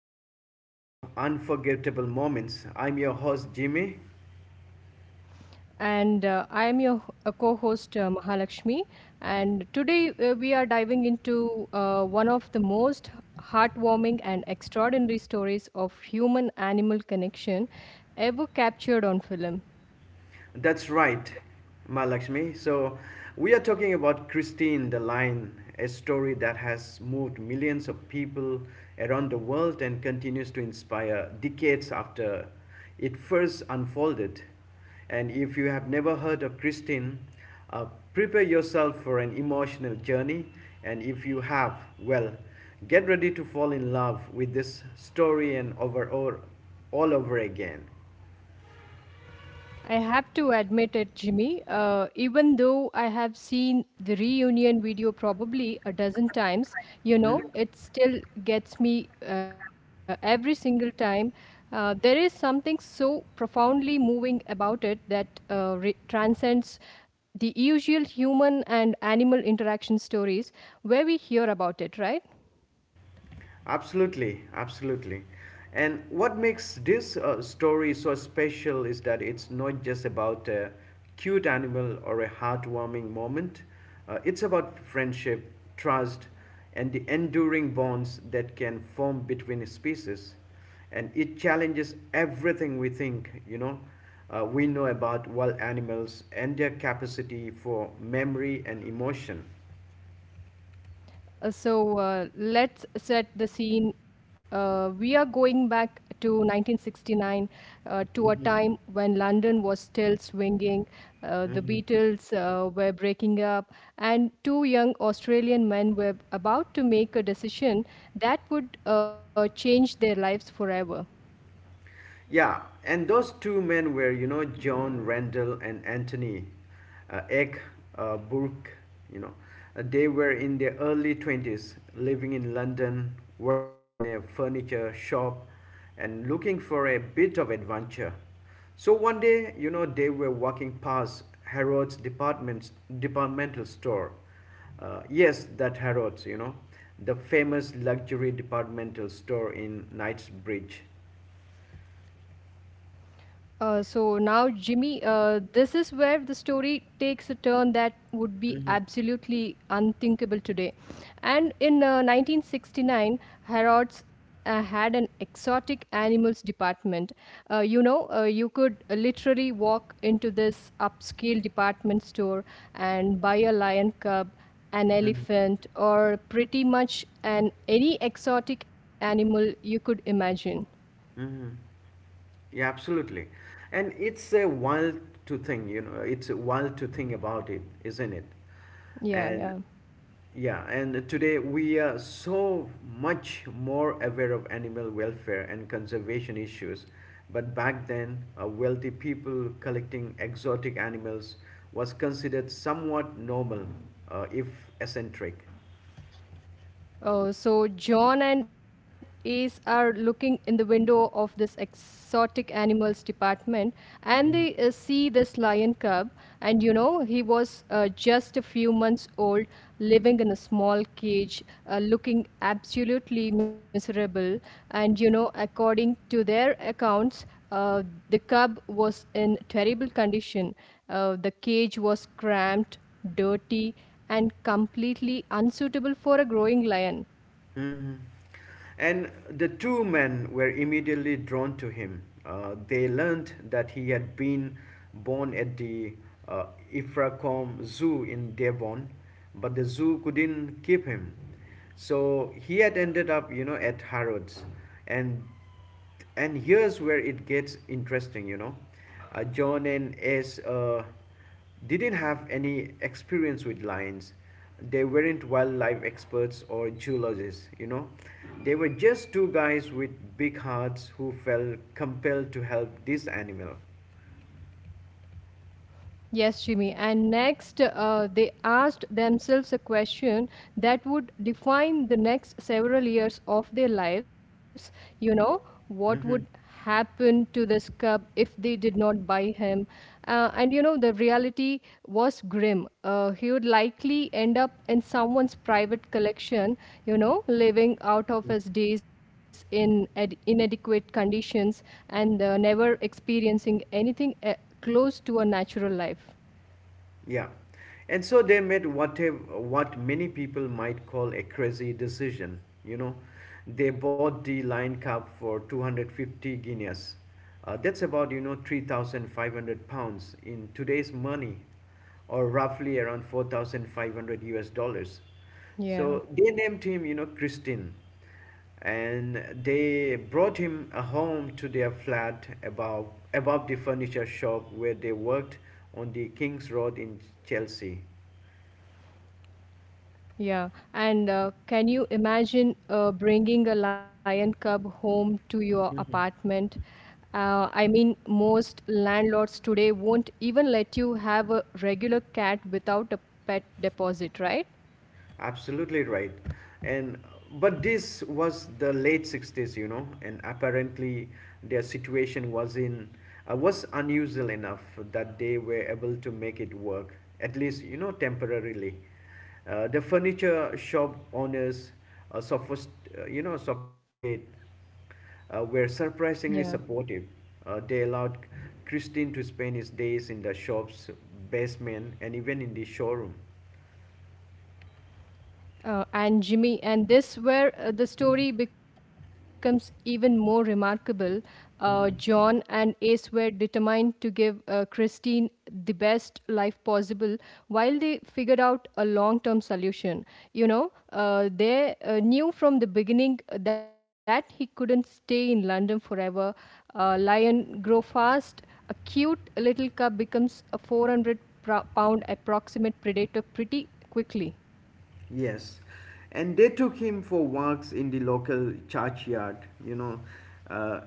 another episode of Unforgettable Moments. I'm your host, Jimmy. And I am your co-host Mahalakshmi. And today we are diving into one of the most heartwarming and extraordinary stories of human-animal connection ever captured on film. That's right, Ma. So, we are talking about Christine the Lion, a story that has moved millions of people around the world and continues to inspire decades after it first unfolded. And if you have never heard of Christine, uh, prepare yourself for an emotional journey. And if you have, well, get ready to fall in love with this story and all over again. I have to admit it, Jimmy. Even though I have seen the reunion video probably a dozen times, you know, it still gets me every single time. There is something so profoundly moving about it that transcends the usual human and animal interaction stories where we hear about it, right? Absolutely, absolutely. And what makes this story so special is that it's not just about a cute animal or a heartwarming moment. It's about friendship, trust, and the enduring bonds that can form between species. And it challenges everything we know about wild animals and their capacity for memory and emotion. So let's set the scene. We are going back to 1969 to a Mhm, time when London was still swinging, the mhm. Beatles were breaking up, and two young Australian men were about to make a decision that would change their lives forever. Yeah, and those two men were, you know, John Randall and Anthony Egg Burke, you know. They were in their early 20s, living in London, working in a furniture shop, and looking for a bit of adventure. So one day, you know, they were walking past departmental store. Yes, that Harrods, you know, the famous luxury departmental store in Knightsbridge. So now, Jimmy, this is where the story takes a turn that would be absolutely unthinkable today. And in 1969, Harrods had an exotic animals department. You could literally walk into this upscale department store and buy a lion cub, an elephant, or pretty much an any exotic animal you could imagine. Mm-hmm. Yeah, absolutely. And it's a wild to think about it, isn't it? Yeah, And yeah. yeah, and today we are so much more aware of animal welfare and conservation issues. But back then, wealthy people collecting exotic animals was considered somewhat normal, if eccentric. Oh, so John and Ace are looking in the window of this exotic animals department and they see this lion cub. And you know, he was just a few months old, living in a small cage, looking absolutely miserable. And you know, according to their accounts, uh, the cub was in terrible condition. The cage was cramped, dirty, and completely unsuitable for a growing lion. Mhm. And the two men were immediately drawn to him. They learned that he had been born at the uh, Ifracombe Zoo in Devon, but the zoo couldn't keep him. So he had ended up, you know, at Harrods. And and here's where it gets interesting, you know. John and s didn't have any experience with lions. They weren't wildlife experts or zoologists, you know. They were just two guys with big hearts who felt compelled to help this animal. Yes, Jimmy. And next, they asked themselves a question that would define the next several years of their lives. You know, what would Mm-hmm. happen to this cub if they did not buy him? And you know, the reality was grim. He would likely end up in someone's private collection, you know, living out of his days in ad inadequate conditions and never experiencing anything. Close to a natural life. Yeah. And so they made what many people might call a crazy decision, you know. They bought the lion cub for 250 guineas. That's about, you know, £3,500 in today's money, or roughly around 4,500 US dollars. Yeah, So they named him, you know, Christine, and they brought him home to their flat above the furniture shop where they worked on the King's Road in Chelsea. yeah. And can you imagine bringing a lion cub home to your apartment? I mean, most landlords today won't even let you have a regular cat without a pet deposit, right? Absolutely right. And but this was the late 60s, you know, and apparently their situation was unusual enough that they were able to make it work, at least, you know, temporarily. The furniture shop owners, uh, sophist- sophisticated, were Yeah. surprisingly supportive. They allowed Christine to spend his days in the shop's basement and even in the showroom. And Jimmy, and this where the story becomes even more remarkable. John and Mhm. Ace were determined to give Christine the best life possible while they figured out a long term solution. You know, they knew from the beginning that he couldn't stay in London forever. Lion grow fast. A cute little cub becomes a 400 pound approximate predator pretty quickly. Yes, and they took him for walks in the local churchyard. You know, uh,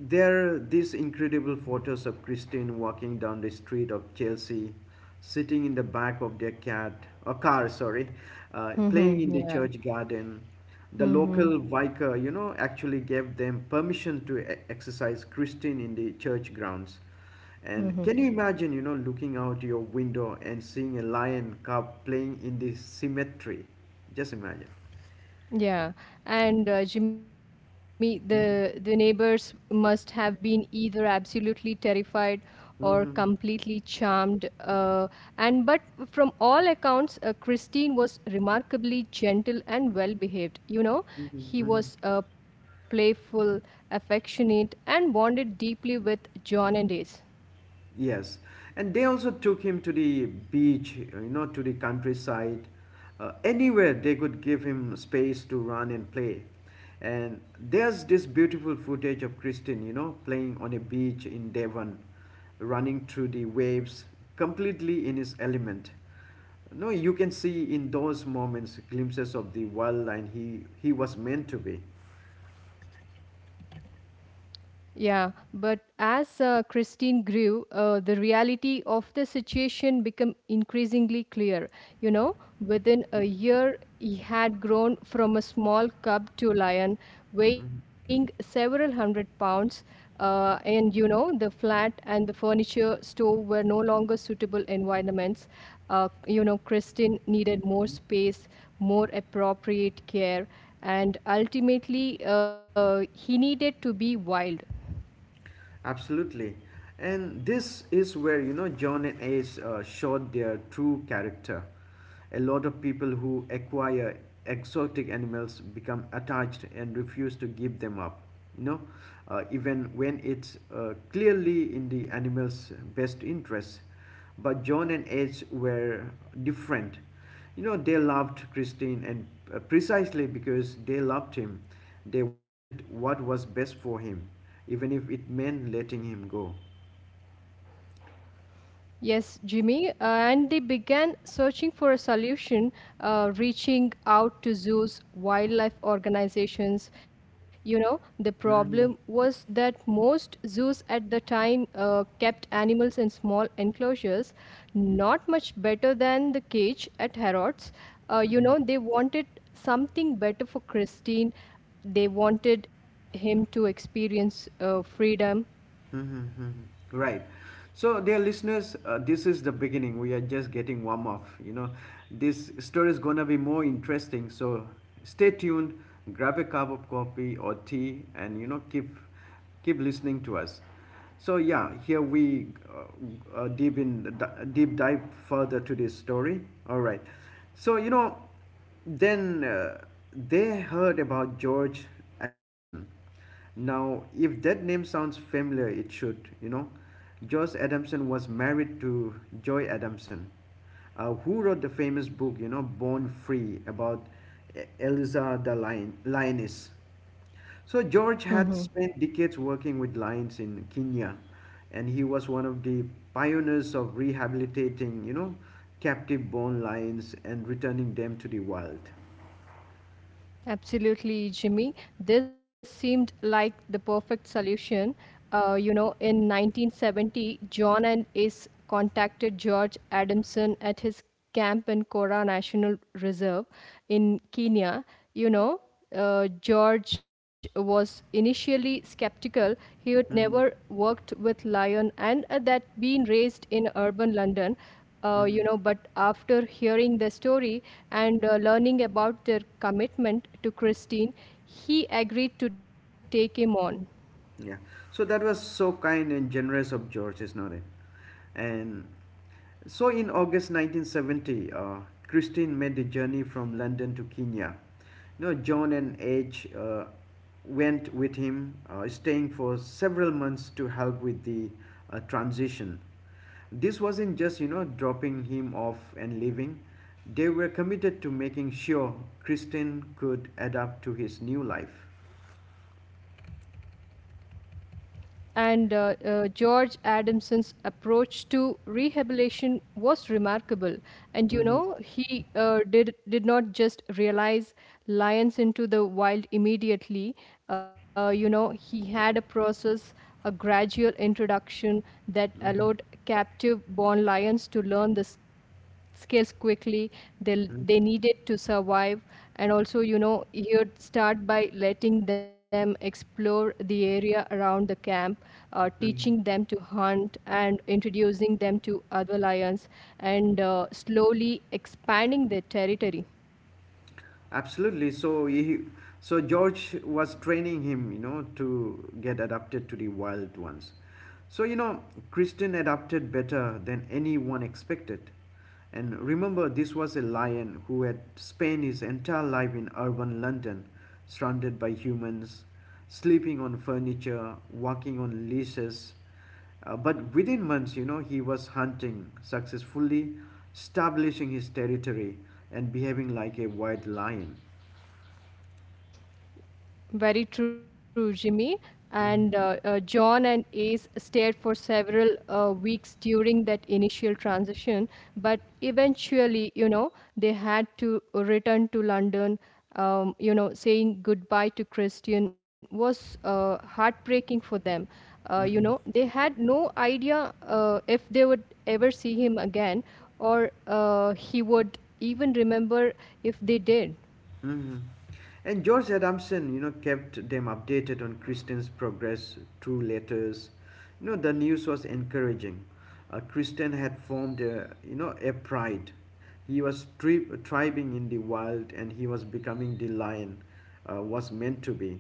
there are these incredible photos of Christine walking down the street of Chelsea, sitting in the back of their cat or car, sorry, Mm-hmm. playing in the Yeah. church garden. The Mhm. local vicar, you know, actually gave them permission to exercise Christine in the church grounds. And can you imagine, you know, looking out your window and seeing a lion cub playing in the cemetery? Just imagine. Yeah. And Jimmy, the neighbors must have been either absolutely terrified or completely Mm-hmm. charmed. And but from all accounts, Christine was remarkably gentle and well behaved. You know, he was Hmm. Playful, affectionate, and bonded deeply with John and Ace. Yes, and they also took him to the beach, you know, to the countryside, anywhere they could give him space to run and play. And there's this beautiful footage of Christine, you know, playing on a beach in Devon, running through the waves, completely in his element. No, you can see in those moments glimpses of the wild he was meant to be. Yeah, but as Christine grew, the reality of the situation became increasingly clear. You know, within a year, he had grown from a small cub to a lion, weighing several hundred pounds. And you know, the flat and the furniture store were no longer suitable environments. You know, Christine needed more space, more appropriate care, and ultimately, he needed to be wild. Absolutely. And this is where, you know, John and Ace showed their true character. A lot of people who acquire exotic animals become attached and refuse to give them up, you know, even when it's clearly in the animal's best interest. But John and Edge were different. You know, they loved Christine, and precisely because they loved him, they wanted what was best for him, even if it meant letting him go. Yes, Jimmy, and they began searching for a solution, reaching out to zoos, wildlife organizations. You know, the problem Mhm. was that most zoos at the time kept animals in small enclosures, not much better than the cage at Harrods. You know, Mhm. they wanted something better for Christine, they wanted him to experience freedom. Mm-hmm. Mm-hmm. Right. So, dear listeners, this is the beginning. We are just getting warm up. You know, this story is gonna be more interesting. So, stay tuned. Grab a cup of coffee or tea, and you know, keep listening to us. So, yeah, here we deep dive further to this story. All right. So, you know, then they heard about George Adamson. Now, if that name sounds familiar, it should, you know. Josh Adamson was married to Joy Adamson, who wrote the famous book, you know, Born Free, about Eliza the lioness. So, George had spent decades working with lions in Kenya, and he was one of the pioneers of rehabilitating, you know, captive born lions and returning them to the wild. Absolutely, Jimmy. This seemed like the perfect solution. You know, in 1970, John and Ace contacted George Adamson at his camp in Kora National Reserve in Kenya. You know, George was initially skeptical. He had never Mhm, worked with lion and that being raised in urban London. You mhm. know, but after hearing the story and learning about their commitment to Christine, he agreed to take him on. Yeah. So that was so kind and generous of George, isn't it? And so in August 1970, Christine made the journey from London to Kenya. You know, John and H went with him, staying for several months to help with the transition. This wasn't just, you know, dropping him off and leaving. They were committed to making sure Christine could adapt to his new life. And George Adamson's approach to rehabilitation was remarkable. And you Mhm, know, he did not just realize lions into the wild immediately. You know, he had a process, a gradual introduction that allowed captive born lions to learn this skills quickly they mhm, they needed to survive, and also you know you'd start by letting them explore the area around the camp, teaching mhm. them to hunt and introducing them to other lions, and slowly expanding their territory. Absolutely. So George was training him, you know, to get adapted to the wild ones. So you know, Christian adapted better than anyone expected. And remember, this was a lion who had spent his entire life in urban London, surrounded by humans, sleeping on furniture, walking on leashes. But within months, you know, he was hunting successfully, establishing his territory, and behaving like a wild lion. Very true, Jimmy. And Mhm, John and Ace stayed for several weeks during that initial transition, but eventually, you know, they had to return to London. You know, saying goodbye to Christian was heartbreaking for them. You know, they mhm, had no idea if they would ever see him again or he would even remember if they did. mhm. And George Adamson, you know, kept them updated on Christian's progress through letters. You know, the news was encouraging. Christian had formed, a, you know, a pride. He was thriving in the wild and he was becoming the lion was meant to be.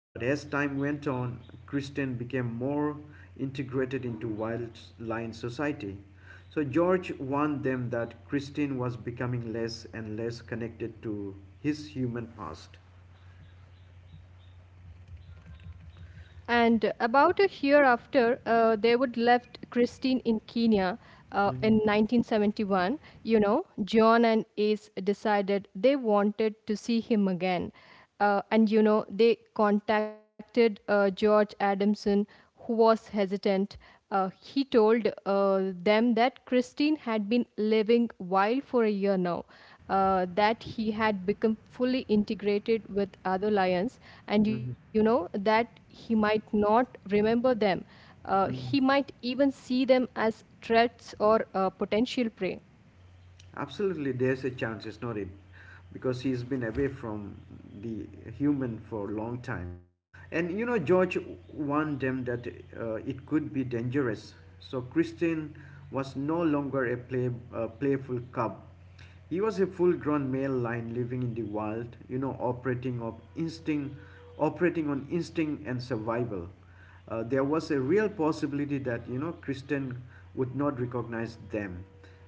But as time went on, Christian became more integrated into wild lion society. So George warned them that Christian was becoming less and less connected to his human past. And about a year after, they would left Christine in Kenya in Mhm, 1971. You know, John and Ace decided they wanted to see him again. And, you know, they contacted George Adamson, who was hesitant. He told them that Christine had been living wild for a year now, that he had become fully integrated with other lions, and you mhm, know that he might not remember them. He mhm. might even see them as threats or potential prey. Absolutely, there's a chance, it's not it, because he's been away from the human for a long time, and you know George warned them that it could be dangerous. So Christine was no longer a playful cub. He was a full-grown male lion living in the wild, you know, operating of instinct, operating on instinct and survival. There was a real possibility that you know Kristen would not recognize them,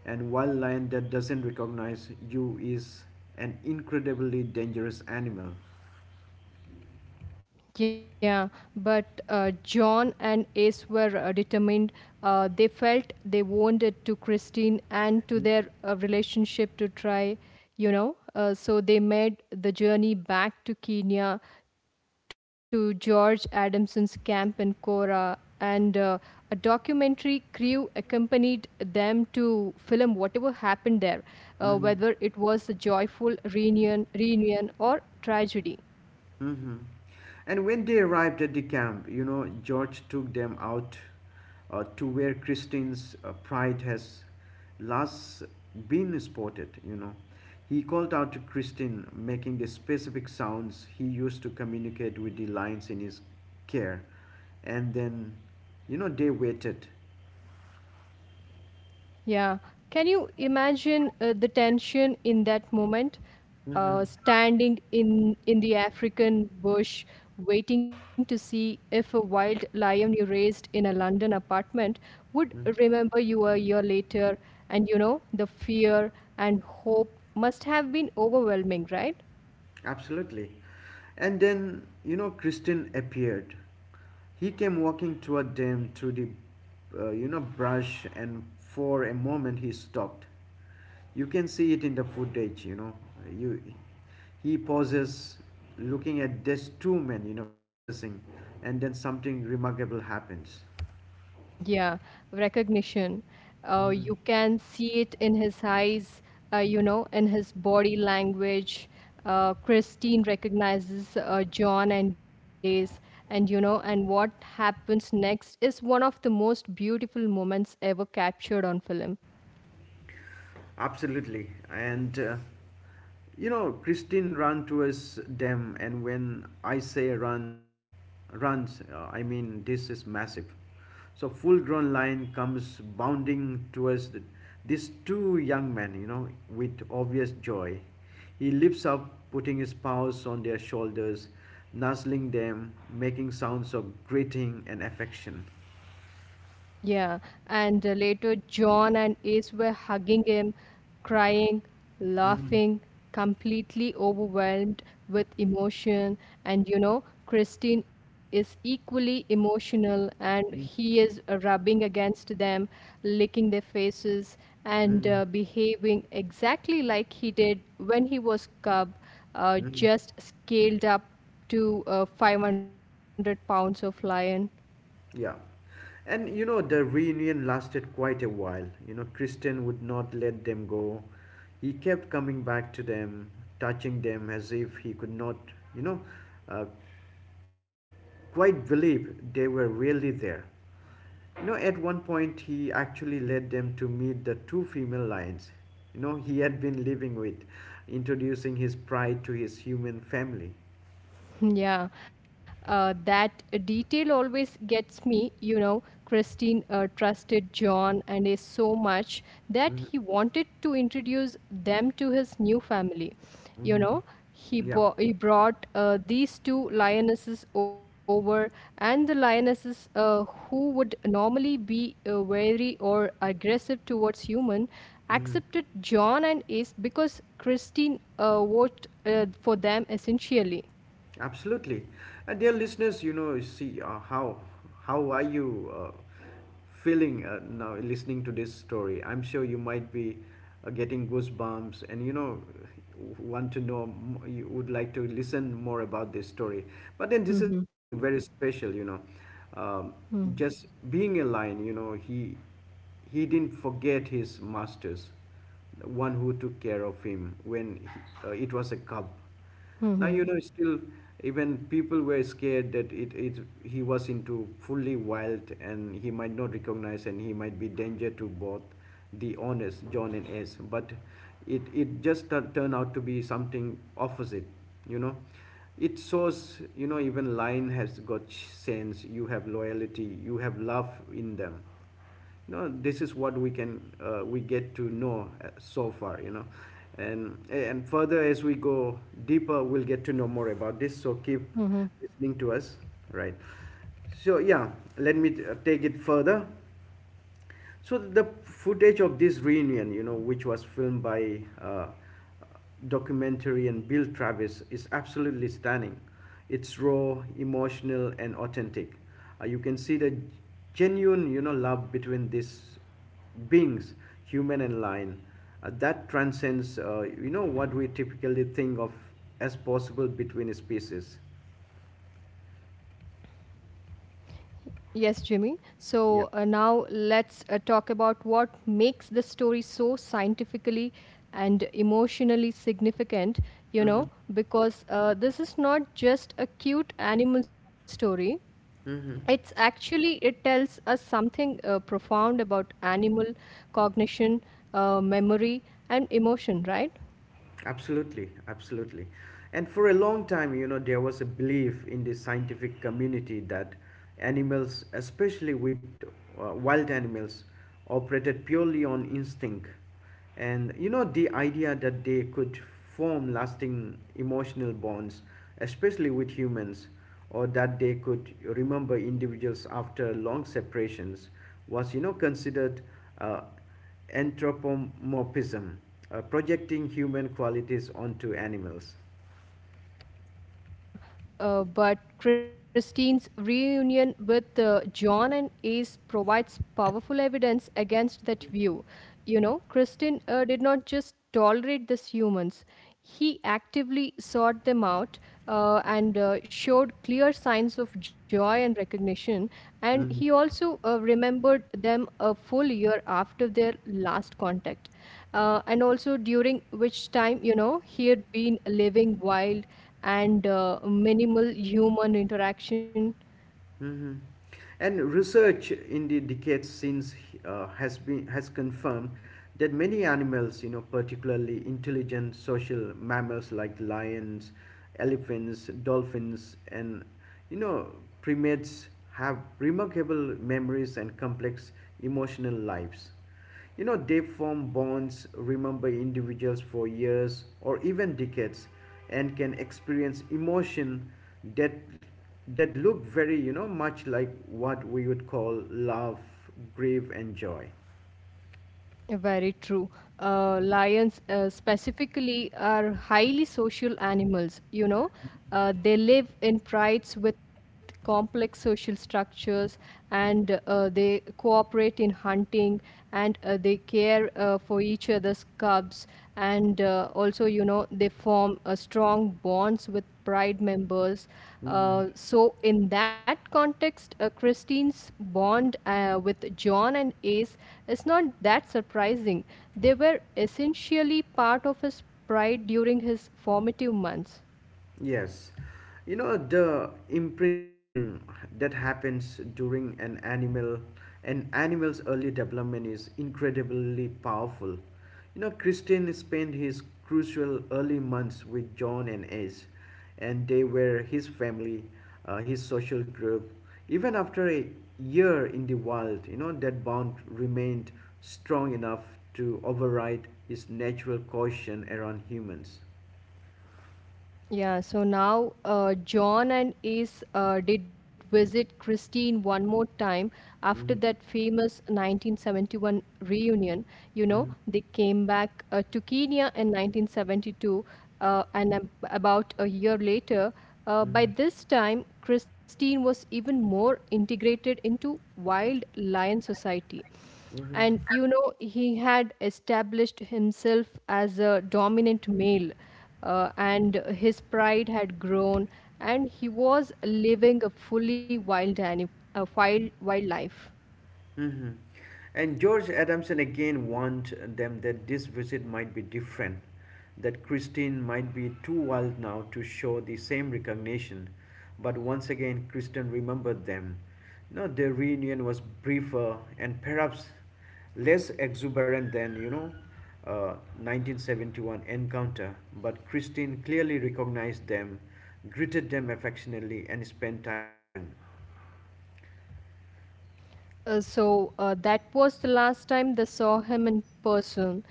and while lion that doesn't recognize you is an incredibly dangerous animal. Yeah, but John and Ace were determined. They felt they owned it to Christine and to their relationship to try, you know. So they made the journey back to Kenya to George Adamson's camp in Kora. And a documentary crew accompanied them to film whatever happened there, Mhm. whether it was a reunion or tragedy. Mm-hmm. And when they arrived at the camp, you know, George took them out to where Christine's pride has last been spotted, you know. He called out to Christine, making the specific sounds he used to communicate with the lions in his care. And then, you know, they waited. Yeah. Can you imagine the tension in that moment? Mm-hmm. Standing in the African bush, waiting to Mm-hmm. see if a wild lion you raised in a London apartment would Mm-hmm. remember you a year later. And you know, the fear and hope must have been overwhelming, right? Absolutely. And then, you know, Christian appeared. He came walking toward them through the, you know, brush, and for a moment he stopped. You can see it in the footage, you know. You, he pauses, looking at these two men, you know, processing, and then something remarkable happens. Yeah, recognition. Mm. You can see it in his eyes, you know, in his body language. Christine recognizes John and Ace, and you know, and what happens next is one of the most beautiful moments ever captured on film. Absolutely. And you know, Christine ran towards them, and when I say run, I mean this is massive. So full-grown lion comes bounding towards the, these two young men, you know, with obvious joy. He leaps up, putting his paws on their shoulders, nuzzling them, making sounds of greeting and affection. Yeah, and later John and Ace were hugging him, crying, Mm, laughing, completely overwhelmed with emotion. And you know, Christine is equally emotional and he mm, is rubbing against them, licking their faces, and mm, behaving exactly like he did when he was cub, mm. just scaled up to 500 pounds of lion. Yeah. And you know, the reunion lasted quite a while. You know, Christian would not let them go. He kept coming back to them, touching them as if he could not, you know, uh, quite believe they were really there. You know, at one point, he actually led them to meet the two female lions, you know, he had been living with, introducing his pride to his human family. Yeah, that detail always gets me. You know, Christine trusted John and is so much that Hmm. he wanted to introduce them to his new family. You Hmm. know, Yeah. He brought these two lionesses over, and the lionesses who would normally be wary or aggressive towards human Mhm. accepted John and Ace because Christine worked for them essentially. Absolutely. And dear listeners, you know, you see how are you feeling now listening to this story? I'm sure you might be getting goosebumps, and you know want to know you would like to listen more about this story. But then this is something very special, you know. Um, Mm, just being a lion, you know, he didn't forget his masters, the one who took care of him when he, it was a cub now, mhm, you know. Still, even people were scared that it he was into fully wild and he might not recognize and he might be danger to both the honest John and S, but it turned out to be something opposite, you know. It shows, you know, even lion has got sense, you have loyalty, you have love in them, you know. This is what we can we get to know so far, you know. And further, as we go deeper, we'll get to know more about this, so keep mhm. listening to us, right? So yeah, let me take it further. So the footage of this reunion, you know, which was filmed by documentary and Bill Travis, is absolutely stunning. It's raw, emotional, and authentic. You can see the genuine, you know, love between these beings, human and lion, that transcends, you know, what we typically think of as possible between species. Yes, Jimmy. So Yeah. now let's talk about what makes the story so scientifically and emotionally significant, you Mm-hmm. know, because this is not just a cute animal story. It's Mm-hmm. actually, it tells us something profound about animal cognition, memory, and emotion, right? Absolutely, absolutely. And for a long time, you know, there was a belief in the scientific community that animals, especially with wild animals, operated purely on instinct. And you know, the idea that they could form lasting emotional bonds, especially with humans, or that they could remember individuals after long separations, was, you know, considered uh, anthropomorphism, projecting human qualities onto animals. Yeah, but Christine's reunion with John and Ace provides powerful evidence against that view. You know, Christine did not just tolerate these humans, he actively sought them out and showed clear signs of joy and recognition. And he Mhm. also remembered them a full year after their last contact, and also during which time, you know, he had been living wild and minimal human interaction. Mhm. And research in the decades since has confirmed that many animals, you know, particularly intelligent social mammals like lions, elephants, dolphins, and, you know, primates, have remarkable memories and complex emotional lives. You know, they form bonds, remember individuals for years or even decades, and can experience emotion that that look very, you know, much like what we would call love, grief, and joy. Very true. Lions, specifically, are highly social animals. You know, they live in prides with complex social structures and they cooperate in hunting and they care for each other's cubs, and also you know they form a strong bonds with pride members, Mm. So in that context christine's bond with john and ace is not that surprising. They were essentially part of his pride during his formative months. Yes. You know, the imprinting that happens during an animal's early development is incredibly powerful. You know, Christian spent his crucial early months with John and Ace, and they were his family, his social group. Even after a year in the wild, you know, that bond remained strong enough to override his natural caution around humans. Yeah, so now John and Ace did visit Christine one more time after that Mhm. famous 1971 reunion. You know, Mhm. they came back to Kenya in 1972, about a year later. By Mm-hmm. this time, Christine was even more integrated into Wild Lion Society. And you know, he had established himself as a dominant male and his pride had grown, and he was living a fully wild, ani- a wild, wild, life. Mm-hmm. And George Adamson again warned them that this visit might be different, that Christine might be too wild now to show the same recognition. But once again, Kristen remembered them. No, their reunion was briefer and perhaps less exuberant than, you know, uh, 1971 encounter, but Christine clearly recognized them, greeted them affectionately, and spent time with them. So that was the last time they saw him in person.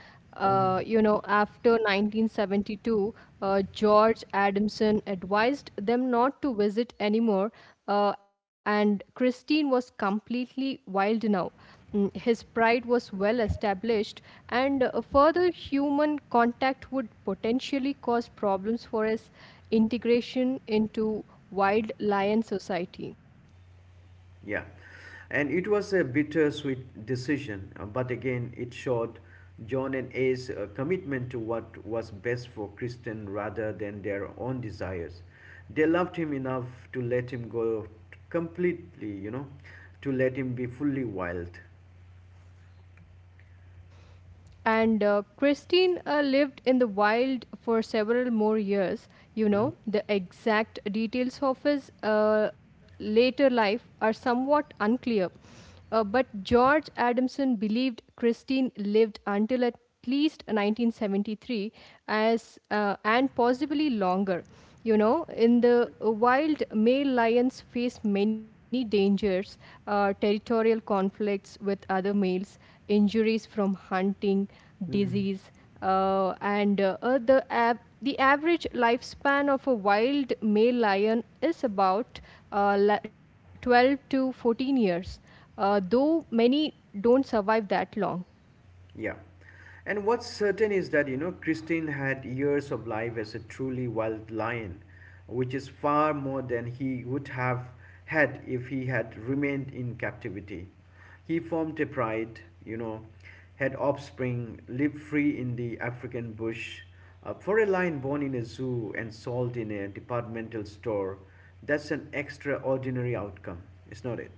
Mhm. You know, after 1972, George Adamson advised them not to visit anymore, and Christine was completely wild now. His pride was well established, and further human contact would potentially cause problems for his integration into wild lion society. Yeah, and it was a bittersweet decision, but again, it showed John and A's commitment to what was best for Kristen rather than their own desires. They loved him enough to let him go t- completely, you know, to let him be fully wild. And Christine lived in the wild for several more years. You Mhm. know, the exact details of his later life are somewhat unclear. But George Adamson believed Christine lived until at least 1973, as and possibly longer, you know, in the wild. Male lions face many dangers: territorial conflicts with other males, injuries from hunting, Mhm. disease. And The average lifespan of a wild male lion is about 12 to 14 years, though many don't survive that long. Yeah. And what's certain is that, you know, Christine had years of life as a truly wild lion, which is far more than he would have had if he had remained in captivity. He formed a pride, you know, had offspring, lived free in the African bush. For a lion born in a zoo and sold in a departmental store, that's an extraordinary outcome, is not it?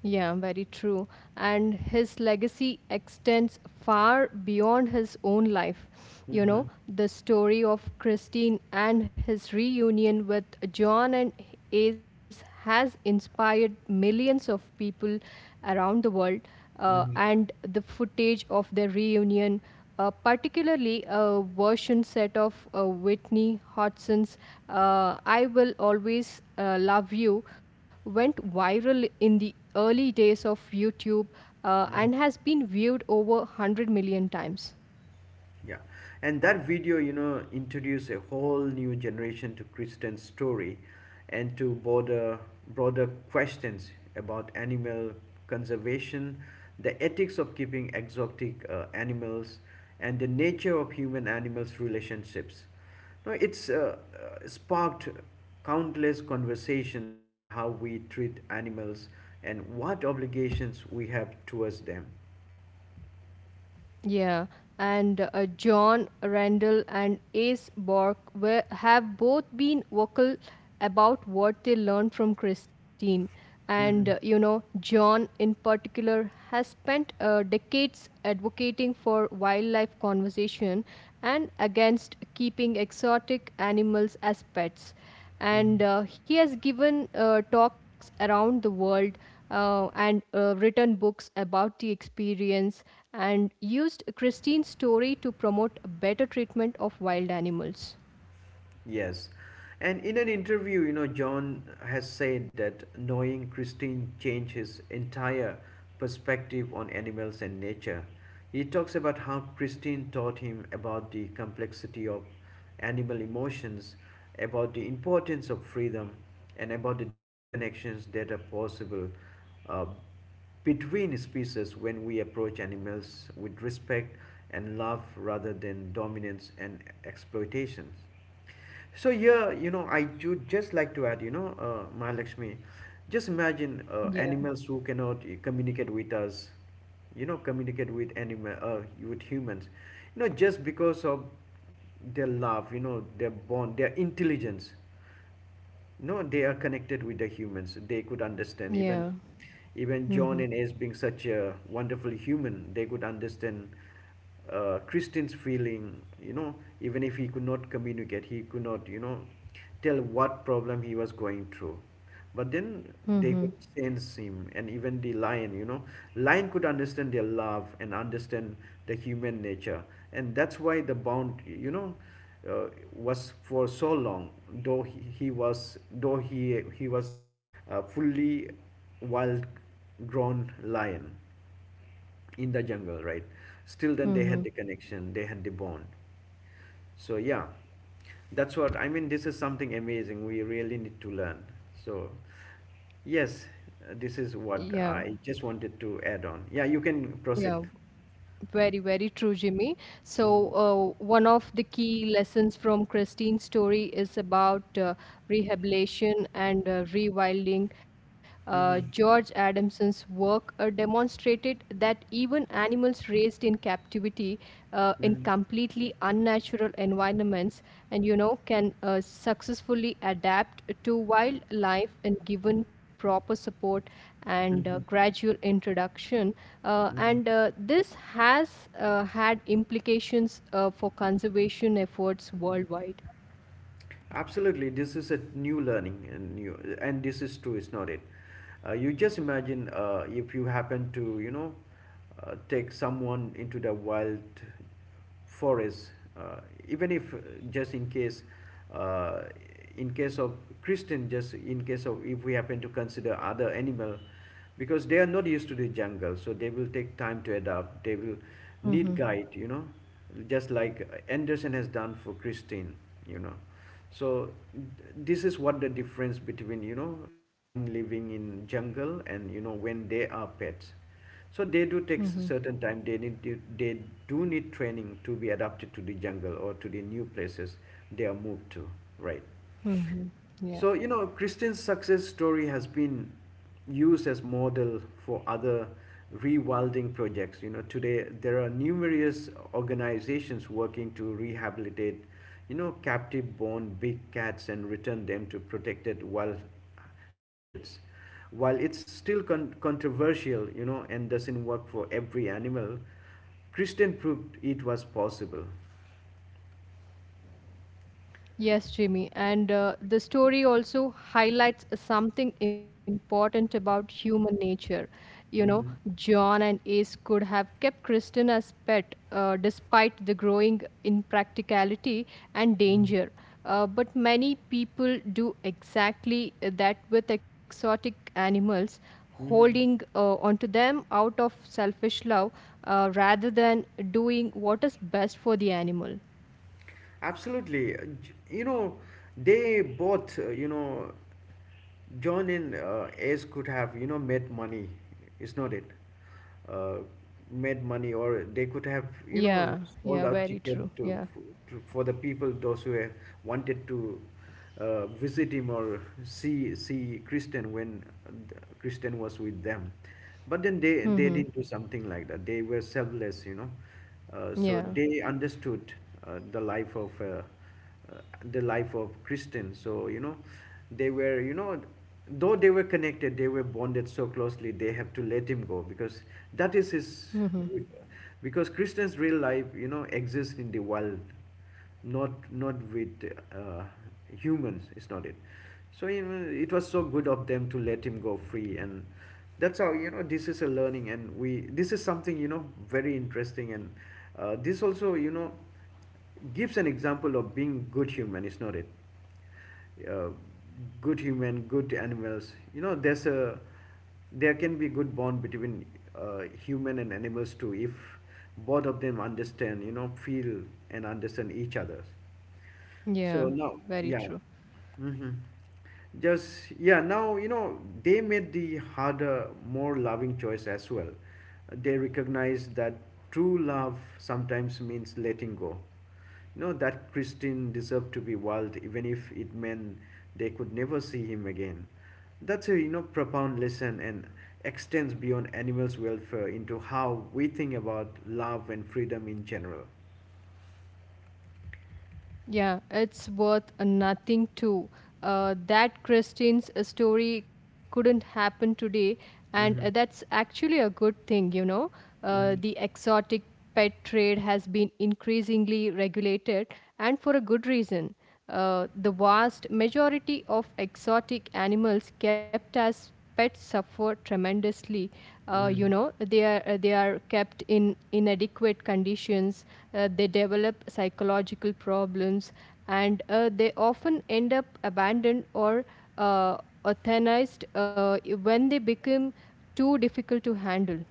Yeah, very true. And his legacy extends far beyond his own life. You know, Mm-hmm. the story of Christine and his reunion with John and Ace has inspired millions of people around the world, Mm-hmm. and the footage of their reunion, particularly a version set of Whitney Houston's I Will Always Love You, went viral in the early days of YouTube and has been viewed over 100 million times. Yeah, and that video, you know, introduced a whole new generation to Christian story and to broader questions about animal conservation, the ethics of keeping exotic animals, and the nature of human animals relationships. Now, it's sparked countless conversations about how we treat animals and what obligations we have towards them. Yeah, and John Randall and Ace Bork were, have both been vocal about what they learned from Christine. And, you Mhm. know, John in particular has spent decades advocating for wildlife conservation and against keeping exotic animals as pets, Mhm. and he has given talks around the world and written books about the experience and used Christine's story to promote better treatment of wild animals. Yes. And in an interview, you know, John has said that knowing Christine changed his entire perspective on animals and nature. He talks about how Christine taught him about the complexity of animal emotions, about the importance of freedom, and about the deep connections that are possible uh, between species when we approach animals with respect and love rather than dominance and exploitation. So yeah, you know, I would just like to add, you know, Mahalakshmi, just imagine Yeah. Animals who cannot communicate with us, you know, communicate with animal, with humans, you know, just because of their love, you know, their bond, their intelligence. No, they are connected with the humans. They could understand. Yeah. Even Mm-hmm. John and Ace being such a wonderful human, they could understand Christian's feeling, you know, even if he could not communicate, he could not, you know, tell what problem he was going through. But then Mm-hmm. they could sense him, and even the lion, you know, lion could understand their love and understand the human nature, and that's why the bond, you know, uh, was for so long. Though fully wild-grown lion in the jungle, right? Still, then they had Mm-hmm. the connection, they had the bond. So yeah, that's what I mean. This is something amazing. We really need to learn. So yes, this is Yeah. what I just wanted to add on. Yeah, you can Yeah. proceed. Very, very true, Jimmy. So, Mm-hmm. One of the key lessons from Christine's story is about rehabilitation and rewilding. George Mm-hmm. Adamson's work demonstrated that even animals raised in captivity, in completely unnatural environments, and you know can successfully adapt to wildlife and given proper support and Mm-hmm. gradual introduction. uh, Mm-hmm. and uh, this has had implications for conservation efforts worldwide. Absolutely, this is a new learning, and this is true. It's not it. You just imagine if you happen to, you know, take someone into the wild forest, uh, even if just uh, in case of Christian, just in case of if we happen to consider other animal, because they are not used to the jungle, so they will take time to adapt, they will need Mm-hmm, guide, you know, just like Anderson has done for Christine, you know. So this is what the difference between, you know, lion living in jungle and, you know, when they are pets. So they do take mm-hmm, s- certain time, they they do need training to be adapted to the jungle or to the new places they are moved to, right? mm-hmm. Yeah. So, you know, Christian's success story has been used as model for other rewilding projects. You know, today there are numerous organizations working to rehabilitate, you know, captive born big cats and return them to protected wild habitats. While it's still controversial, you know, and doesn't work for every animal, Christian proved it was possible. Yes, Jimmy. And the story also highlights something important about human nature. You know, Hmm. John and Ace could have kept Kristen as pet despite the growing impracticality and Hmm. danger. But many people do exactly that with exotic animals, Hmm. holding onto them out of selfish love rather than doing what is best for the animal. Absolutely. You know, they both, you know, John and Ace could have, you know, made money, is not it? Uh, Made money, or they could have, you know, Yeah, sold yeah, out very ticket true. to, Yeah. For the people those who wanted to visit him or see Kristen when Christian was with them. But then they Mm-hmm. they didn't do something like that. They were selfless, you know. So Yeah. they understood uh, the life of uh, uh, the life of Christians. So you know, they were, you know, though they were connected, they were bonded so closely. They have to let him go because that is his, Mm-hmm. because Christians' real life, you know, exists in the world, not not with uh, humans, is not it? So you know, it was so good of them to let him go free, and that's how, you know, this is a learning, and we this is something, you know, very interesting, and this also, you know, gives an example of being good human, is not it? uh, Good human, good animals. You know, there can be good bond between human and animals too, if both of them understand. You know, feel and understand each other. Yeah. So now, Very yeah. true. Hmm. Just yeah, now you know they made the harder, more loving choice as well. They recognize that true love sometimes means letting go. You know that Christine deserved to be wild, even if it meant they could never see him again. That's a, you know, profound lesson and extends beyond animals' welfare into how we think about love and freedom in general. Yeah. It's worth a nothing too. That Christine's story couldn't happen today, and Hmm. that's actually a good thing. You know, Hmm. the exotic pet trade has been increasingly regulated, and for a good reason. The vast majority of exotic animals kept as pets suffer tremendously. You Hmm. know, they are kept in inadequate conditions. They develop psychological problems, and they often end up abandoned or uh, euthanized when they become too difficult to handle.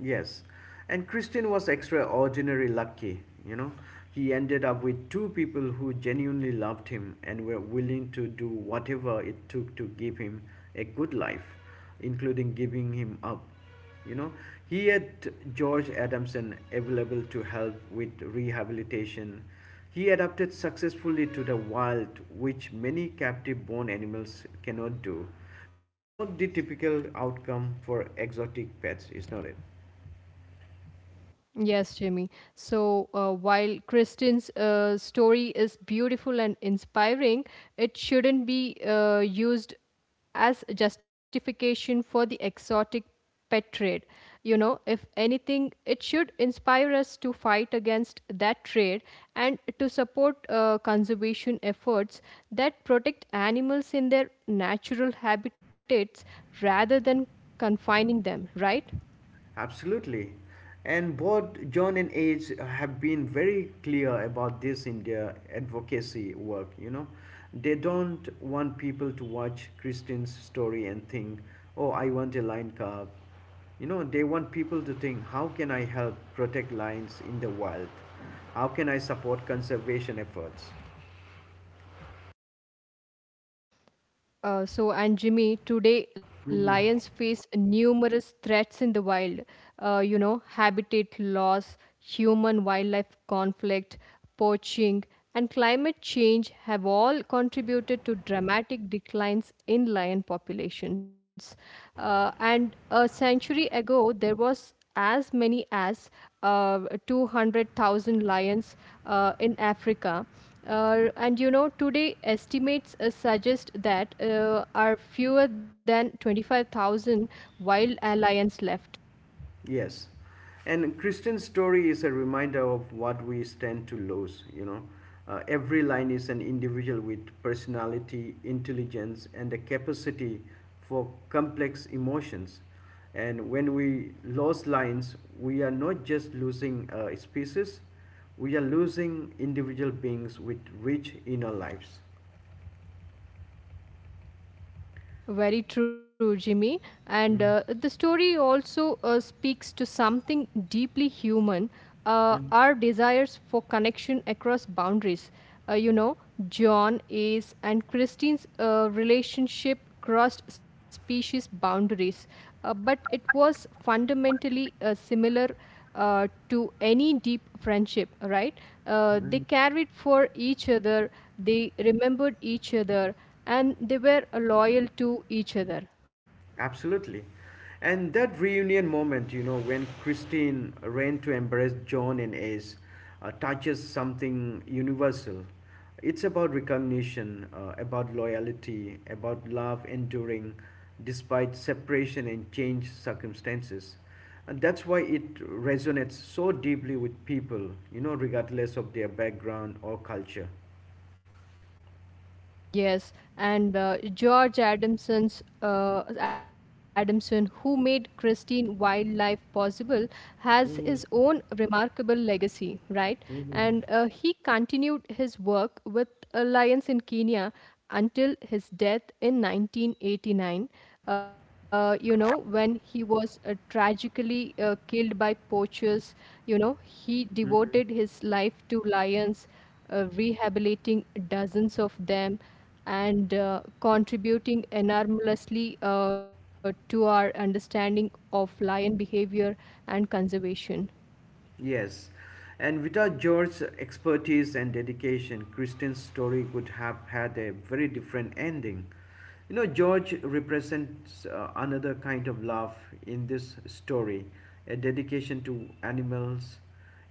Yes, and Christian was extraordinarily lucky, you know. He ended up with two people who genuinely loved him and were willing to do whatever it took to give him a good life, including giving him up. You know, he had George Adamson available to help with rehabilitation. He adapted successfully to the wild, which many captive born animals cannot do. That's not the typical outcome for exotic pets, is not it? Yes, Jimmy. So while Kristen's story is beautiful and inspiring, it shouldn't be used as justification for the exotic pet trade. You know, if anything, it should inspire us to fight against that trade and to support conservation efforts that protect animals in their natural habitats rather than confining them, right? Absolutely. And both John and Age have been very clear about this in their advocacy work, you know. They don't want people to watch Christine's story and think, oh, I want a lion cub. You know, they want people to think, how can I help protect lions in the wild? How can I support conservation efforts? So, and Jimmy, today lions face numerous threats in the wild. You know, habitat loss, human wildlife conflict, poaching, and climate change have all contributed to dramatic declines in lion populations. And a century ago, there was as many as uh, 200,000 lions in Africa. And you know, today estimates suggest that are fewer than 25,000 wild lions left. Yes. And Christian's story is a reminder of what we stand to lose, you know. Every line is an individual with personality, intelligence, and the capacity for complex emotions. And when we lose lines, we are not just losing species, we are losing individual beings with rich inner lives. Very true, Jimmy. And Mm, the story also speaks to something deeply human, mm, our desires for connection across boundaries. You know, John, Ace, and Christine's relationship crossed species boundaries, but it was fundamentally similar to any deep friendship, right? They mm. carried for each other, they remembered each other, and they were loyal to each other. Absolutely. And that reunion moment, you know, when Christine ran to embrace John and Ace, touches something universal. It's about recognition, about loyalty, about love enduring despite separation and changed circumstances. And that's why it resonates so deeply with people, you know, regardless of their background or culture. Yes, and George Adamson, who made Christine Wildlife possible, has his own remarkable legacy, right? And he continued his work with Lions in Kenya until his death in 1989. You know, when he was tragically killed by poachers, you know, he devoted his life to lions, rehabilitating dozens of them and contributing enormously to our understanding of lion behavior and conservation. Yes, and without George's expertise and dedication, Christian's story would have had a very different ending. You know, George represents another kind of love in this story, a dedication to animals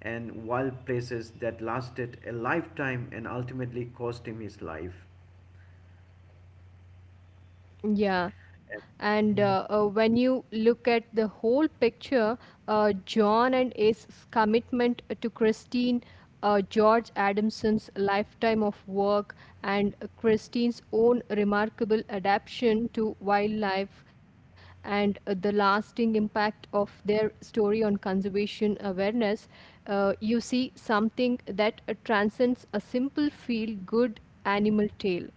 and wild places that lasted a lifetime and ultimately cost him his life. Yeah, and when you look at the whole picture, John and Ace's commitment to Christine, George Adamson's lifetime of work, and Christine's own remarkable adaptation to wildlife, and the lasting impact of their story on conservation awareness, you see something that transcends a simple feel good animal tale.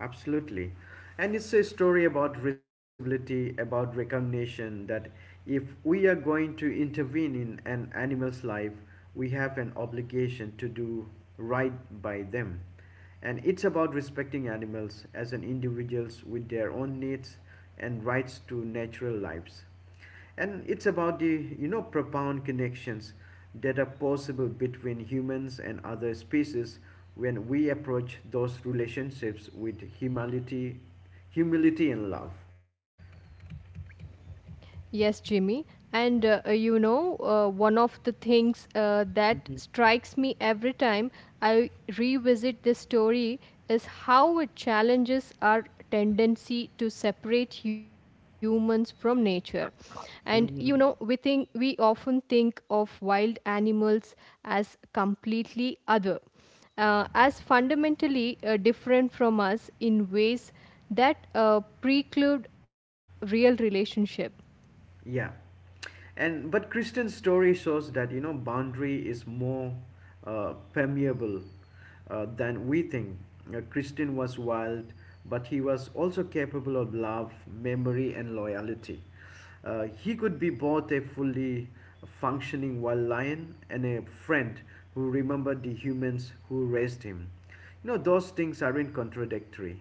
Absolutely. And it's a story about responsibility, about recognition that if we are going to intervene in an animal's life, we have an obligation to do right by them. And it's about respecting animals as an individuals with their own needs and rights to natural lives, and it's about the, you know, profound connections that are possible between humans and other species when we approach those relationships with humility, humility and love. Yes, Jimmy. And one of the things that strikes me every time I revisit this story is how it challenges our tendency to separate humans from nature. And you know, we Hmm. think we often think of wild animals as completely other, as fundamentally different from us in ways that preclude real relationship. Yeah. And but Christian story shows that, you know, boundary is more permeable than we think. Christian was wild, but he was also capable of love, memory, and loyalty. He could be both a fully functioning wild lion and a friend who remembered the humans who raised him. You know, those things aren't contradictory.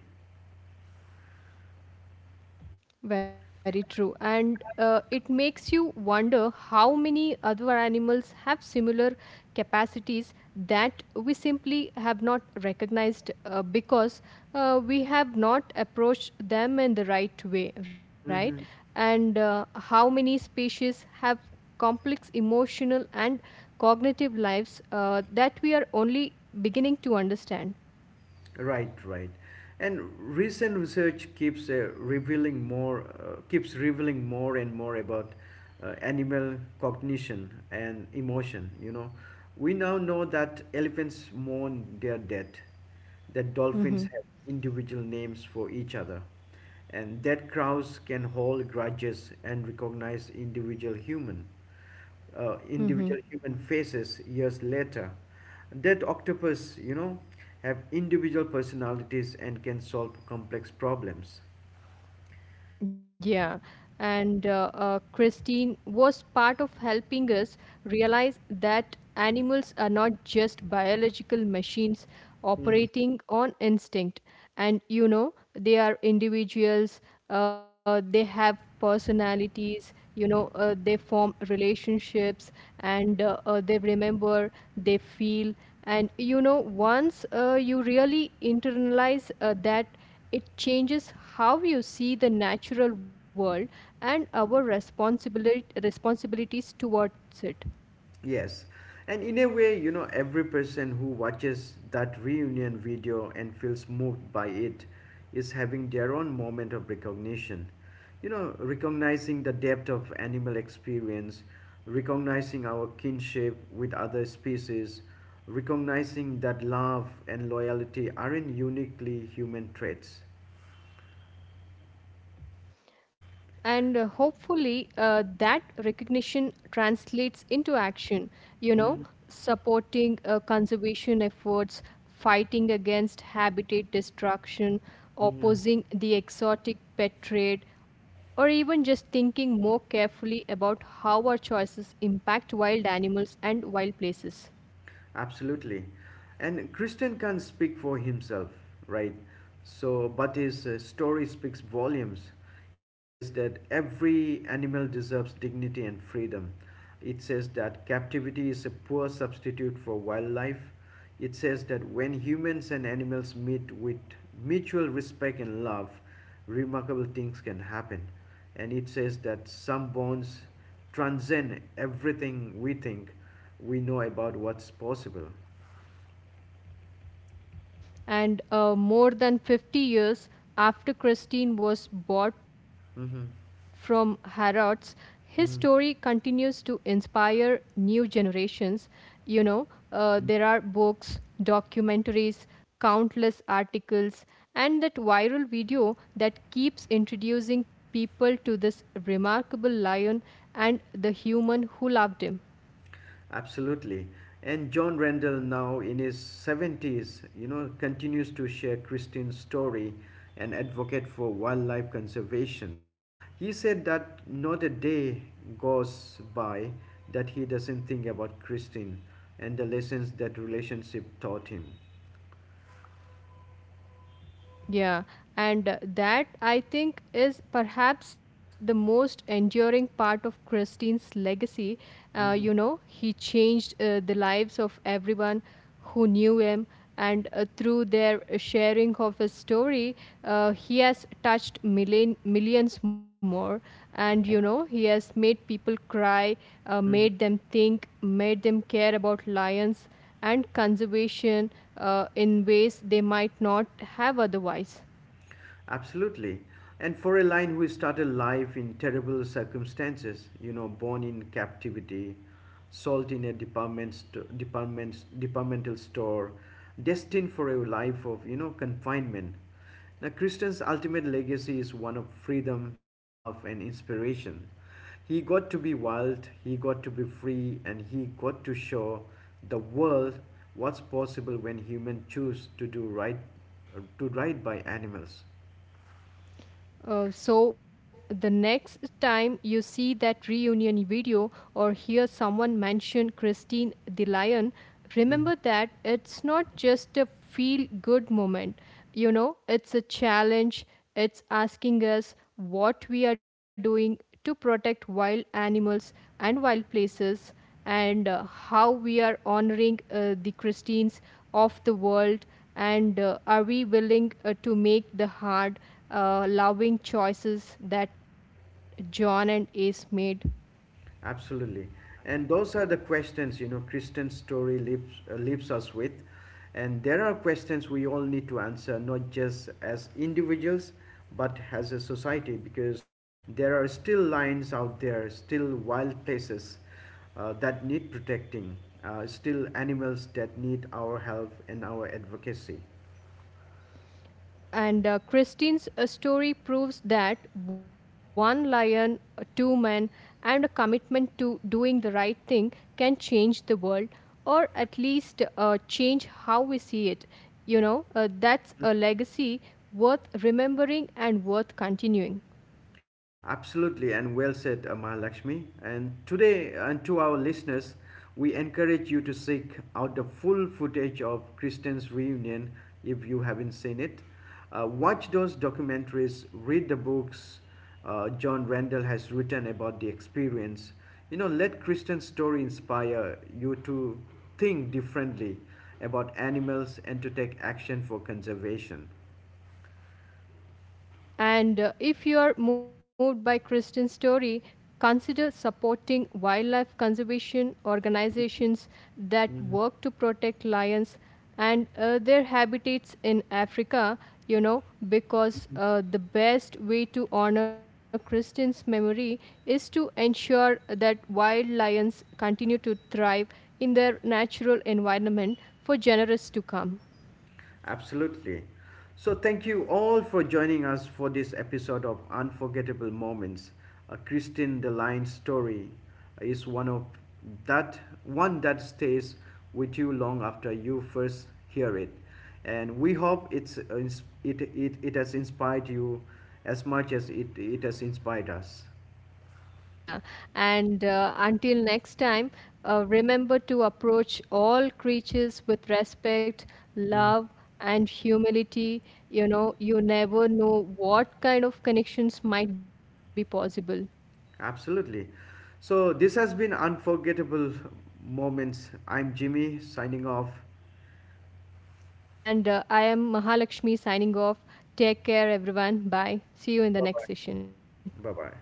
Very true. And it makes you wonder how many other animals have similar capacities that we simply have not recognized because we have not approached them in the right way, right? And how many species have complex emotional and cognitive lives that we are only beginning to understand. Right, right. And recent research keeps keeps revealing more and more about animal cognition and emotion. You know, we now know that elephants mourn their death, that dolphins have Hmm. individual names for each other, and that crows can hold grudges and recognize Hmm. individual human faces years later. That octopus, you know, have individual personalities and can solve complex problems. Yeah, and Christine was part of helping us realize that animals are not just biological machines operating on instinct. And you know, they are individuals, they have personalities, you know, they form relationships, and they remember, they feel. And you know, once you really internalize that, it changes how you see the natural world and our responsibilities towards it. Yes. And in a way, you know, every person who watches that reunion video and feels moved by it is having their own moment of recognition. You know, recognizing the depth of animal experience, recognizing our kinship with other species, recognizing that love and loyalty aren't uniquely human traits. And hopefully, that recognition translates into action, you Mhm, know, supporting conservation efforts, fighting against habitat destruction, mhm. opposing the exotic pet trade, or even just thinking more carefully about how our choices impact wild animals and wild places. Absolutely. And Christian can't speak for himself, right? So, but his story speaks volumes. It says that every animal deserves dignity and freedom. It says that captivity is a poor substitute for wildlife. It says that when humans and animals meet with mutual respect and love, remarkable things can happen. And it says that some bonds transcend everything we think we know about what's possible. And more than 50 years after Christine was bought from Mm-hmm. Harrods, his story Mm-hmm. continues to inspire new generations. You know, there are books, documentaries, countless articles, and that viral video that keeps introducing people to this remarkable lion and the human who loved him. Absolutely. And John Randall, now in his 70s, you know, continues to share Christine's story and advocate for wildlife conservation. He said that not a day goes by that he doesn't think about Christine and the lessons that relationship taught him. Yeah, and that I think is perhaps the most enduring part of Christine's legacy. You know, he changed the lives of everyone who knew him, and through their sharing of his story, he has touched million, millions more. And you know, he has made people cry, made Mhm. them think, made them care about lions and conservation in ways they might not have otherwise. Absolutely. And for a lion who started life in terrible circumstances, you know, born in captivity, sold in a departmental store, destined for a life of, you know, confinement. Now, Christian's ultimate legacy is one of freedom, love, and inspiration. He got to be wild, he got to be free, and he got to show the world what's possible when humans choose to do right, to right by animals. So, the next time you see that reunion video or hear someone mention Christine the Lion, Mhm. remember that it's not just a feel good moment. You know, it's a challenge, it's asking us what we are doing to protect wild animals and wild places, and how we are honoring the Christians of the world, and are we willing to make the hard, loving choices that John and Ace made? Absolutely. And those are the questions, you know, Kristen's story leaves us with. And there are questions we all need to answer, not just as individuals, but as a society, because there are still lines out there, still wild places that need protecting, still animals that need our help and our advocacy. And Christine's story proves that one lion, two men, and a commitment to doing the right thing can change the world, or at least change how we see it. You know, that's a legacy worth remembering and worth continuing. Absolutely, and well said, Mahalakshmi. And today, and to our listeners, we encourage you to seek out the full footage of Christian's reunion if you haven't seen it. Watch those documentaries, read the books John Randall has written about the experience. You know, let Christian's story inspire you to think differently about animals and to take action for conservation. And if you are moved by Christian story, consider supporting wildlife conservation organizations that work to protect lions and their habitats in Africa, you know, because the best way to honor Christian's memory is to ensure that wild lions continue to thrive in their natural environment for generations to come. Absolutely. So, thank you all for joining us for this episode of Unforgettable Moments. Christine Deline's story is that one that stays with you long after you first hear it, and we hope it's it has inspired you as much as it has inspired us. Yeah, and until next time, remember to approach all creatures with respect, Mhm. love, and humility. You know, you never know what kind of connections might be possible. Absolutely. So this has been Unforgettable Moments. I'm Jimmy signing off. And I am Mahalakshmi signing off. Take care, everyone. Bye. See you in the Bye bye. next session. Bye. Bye-bye.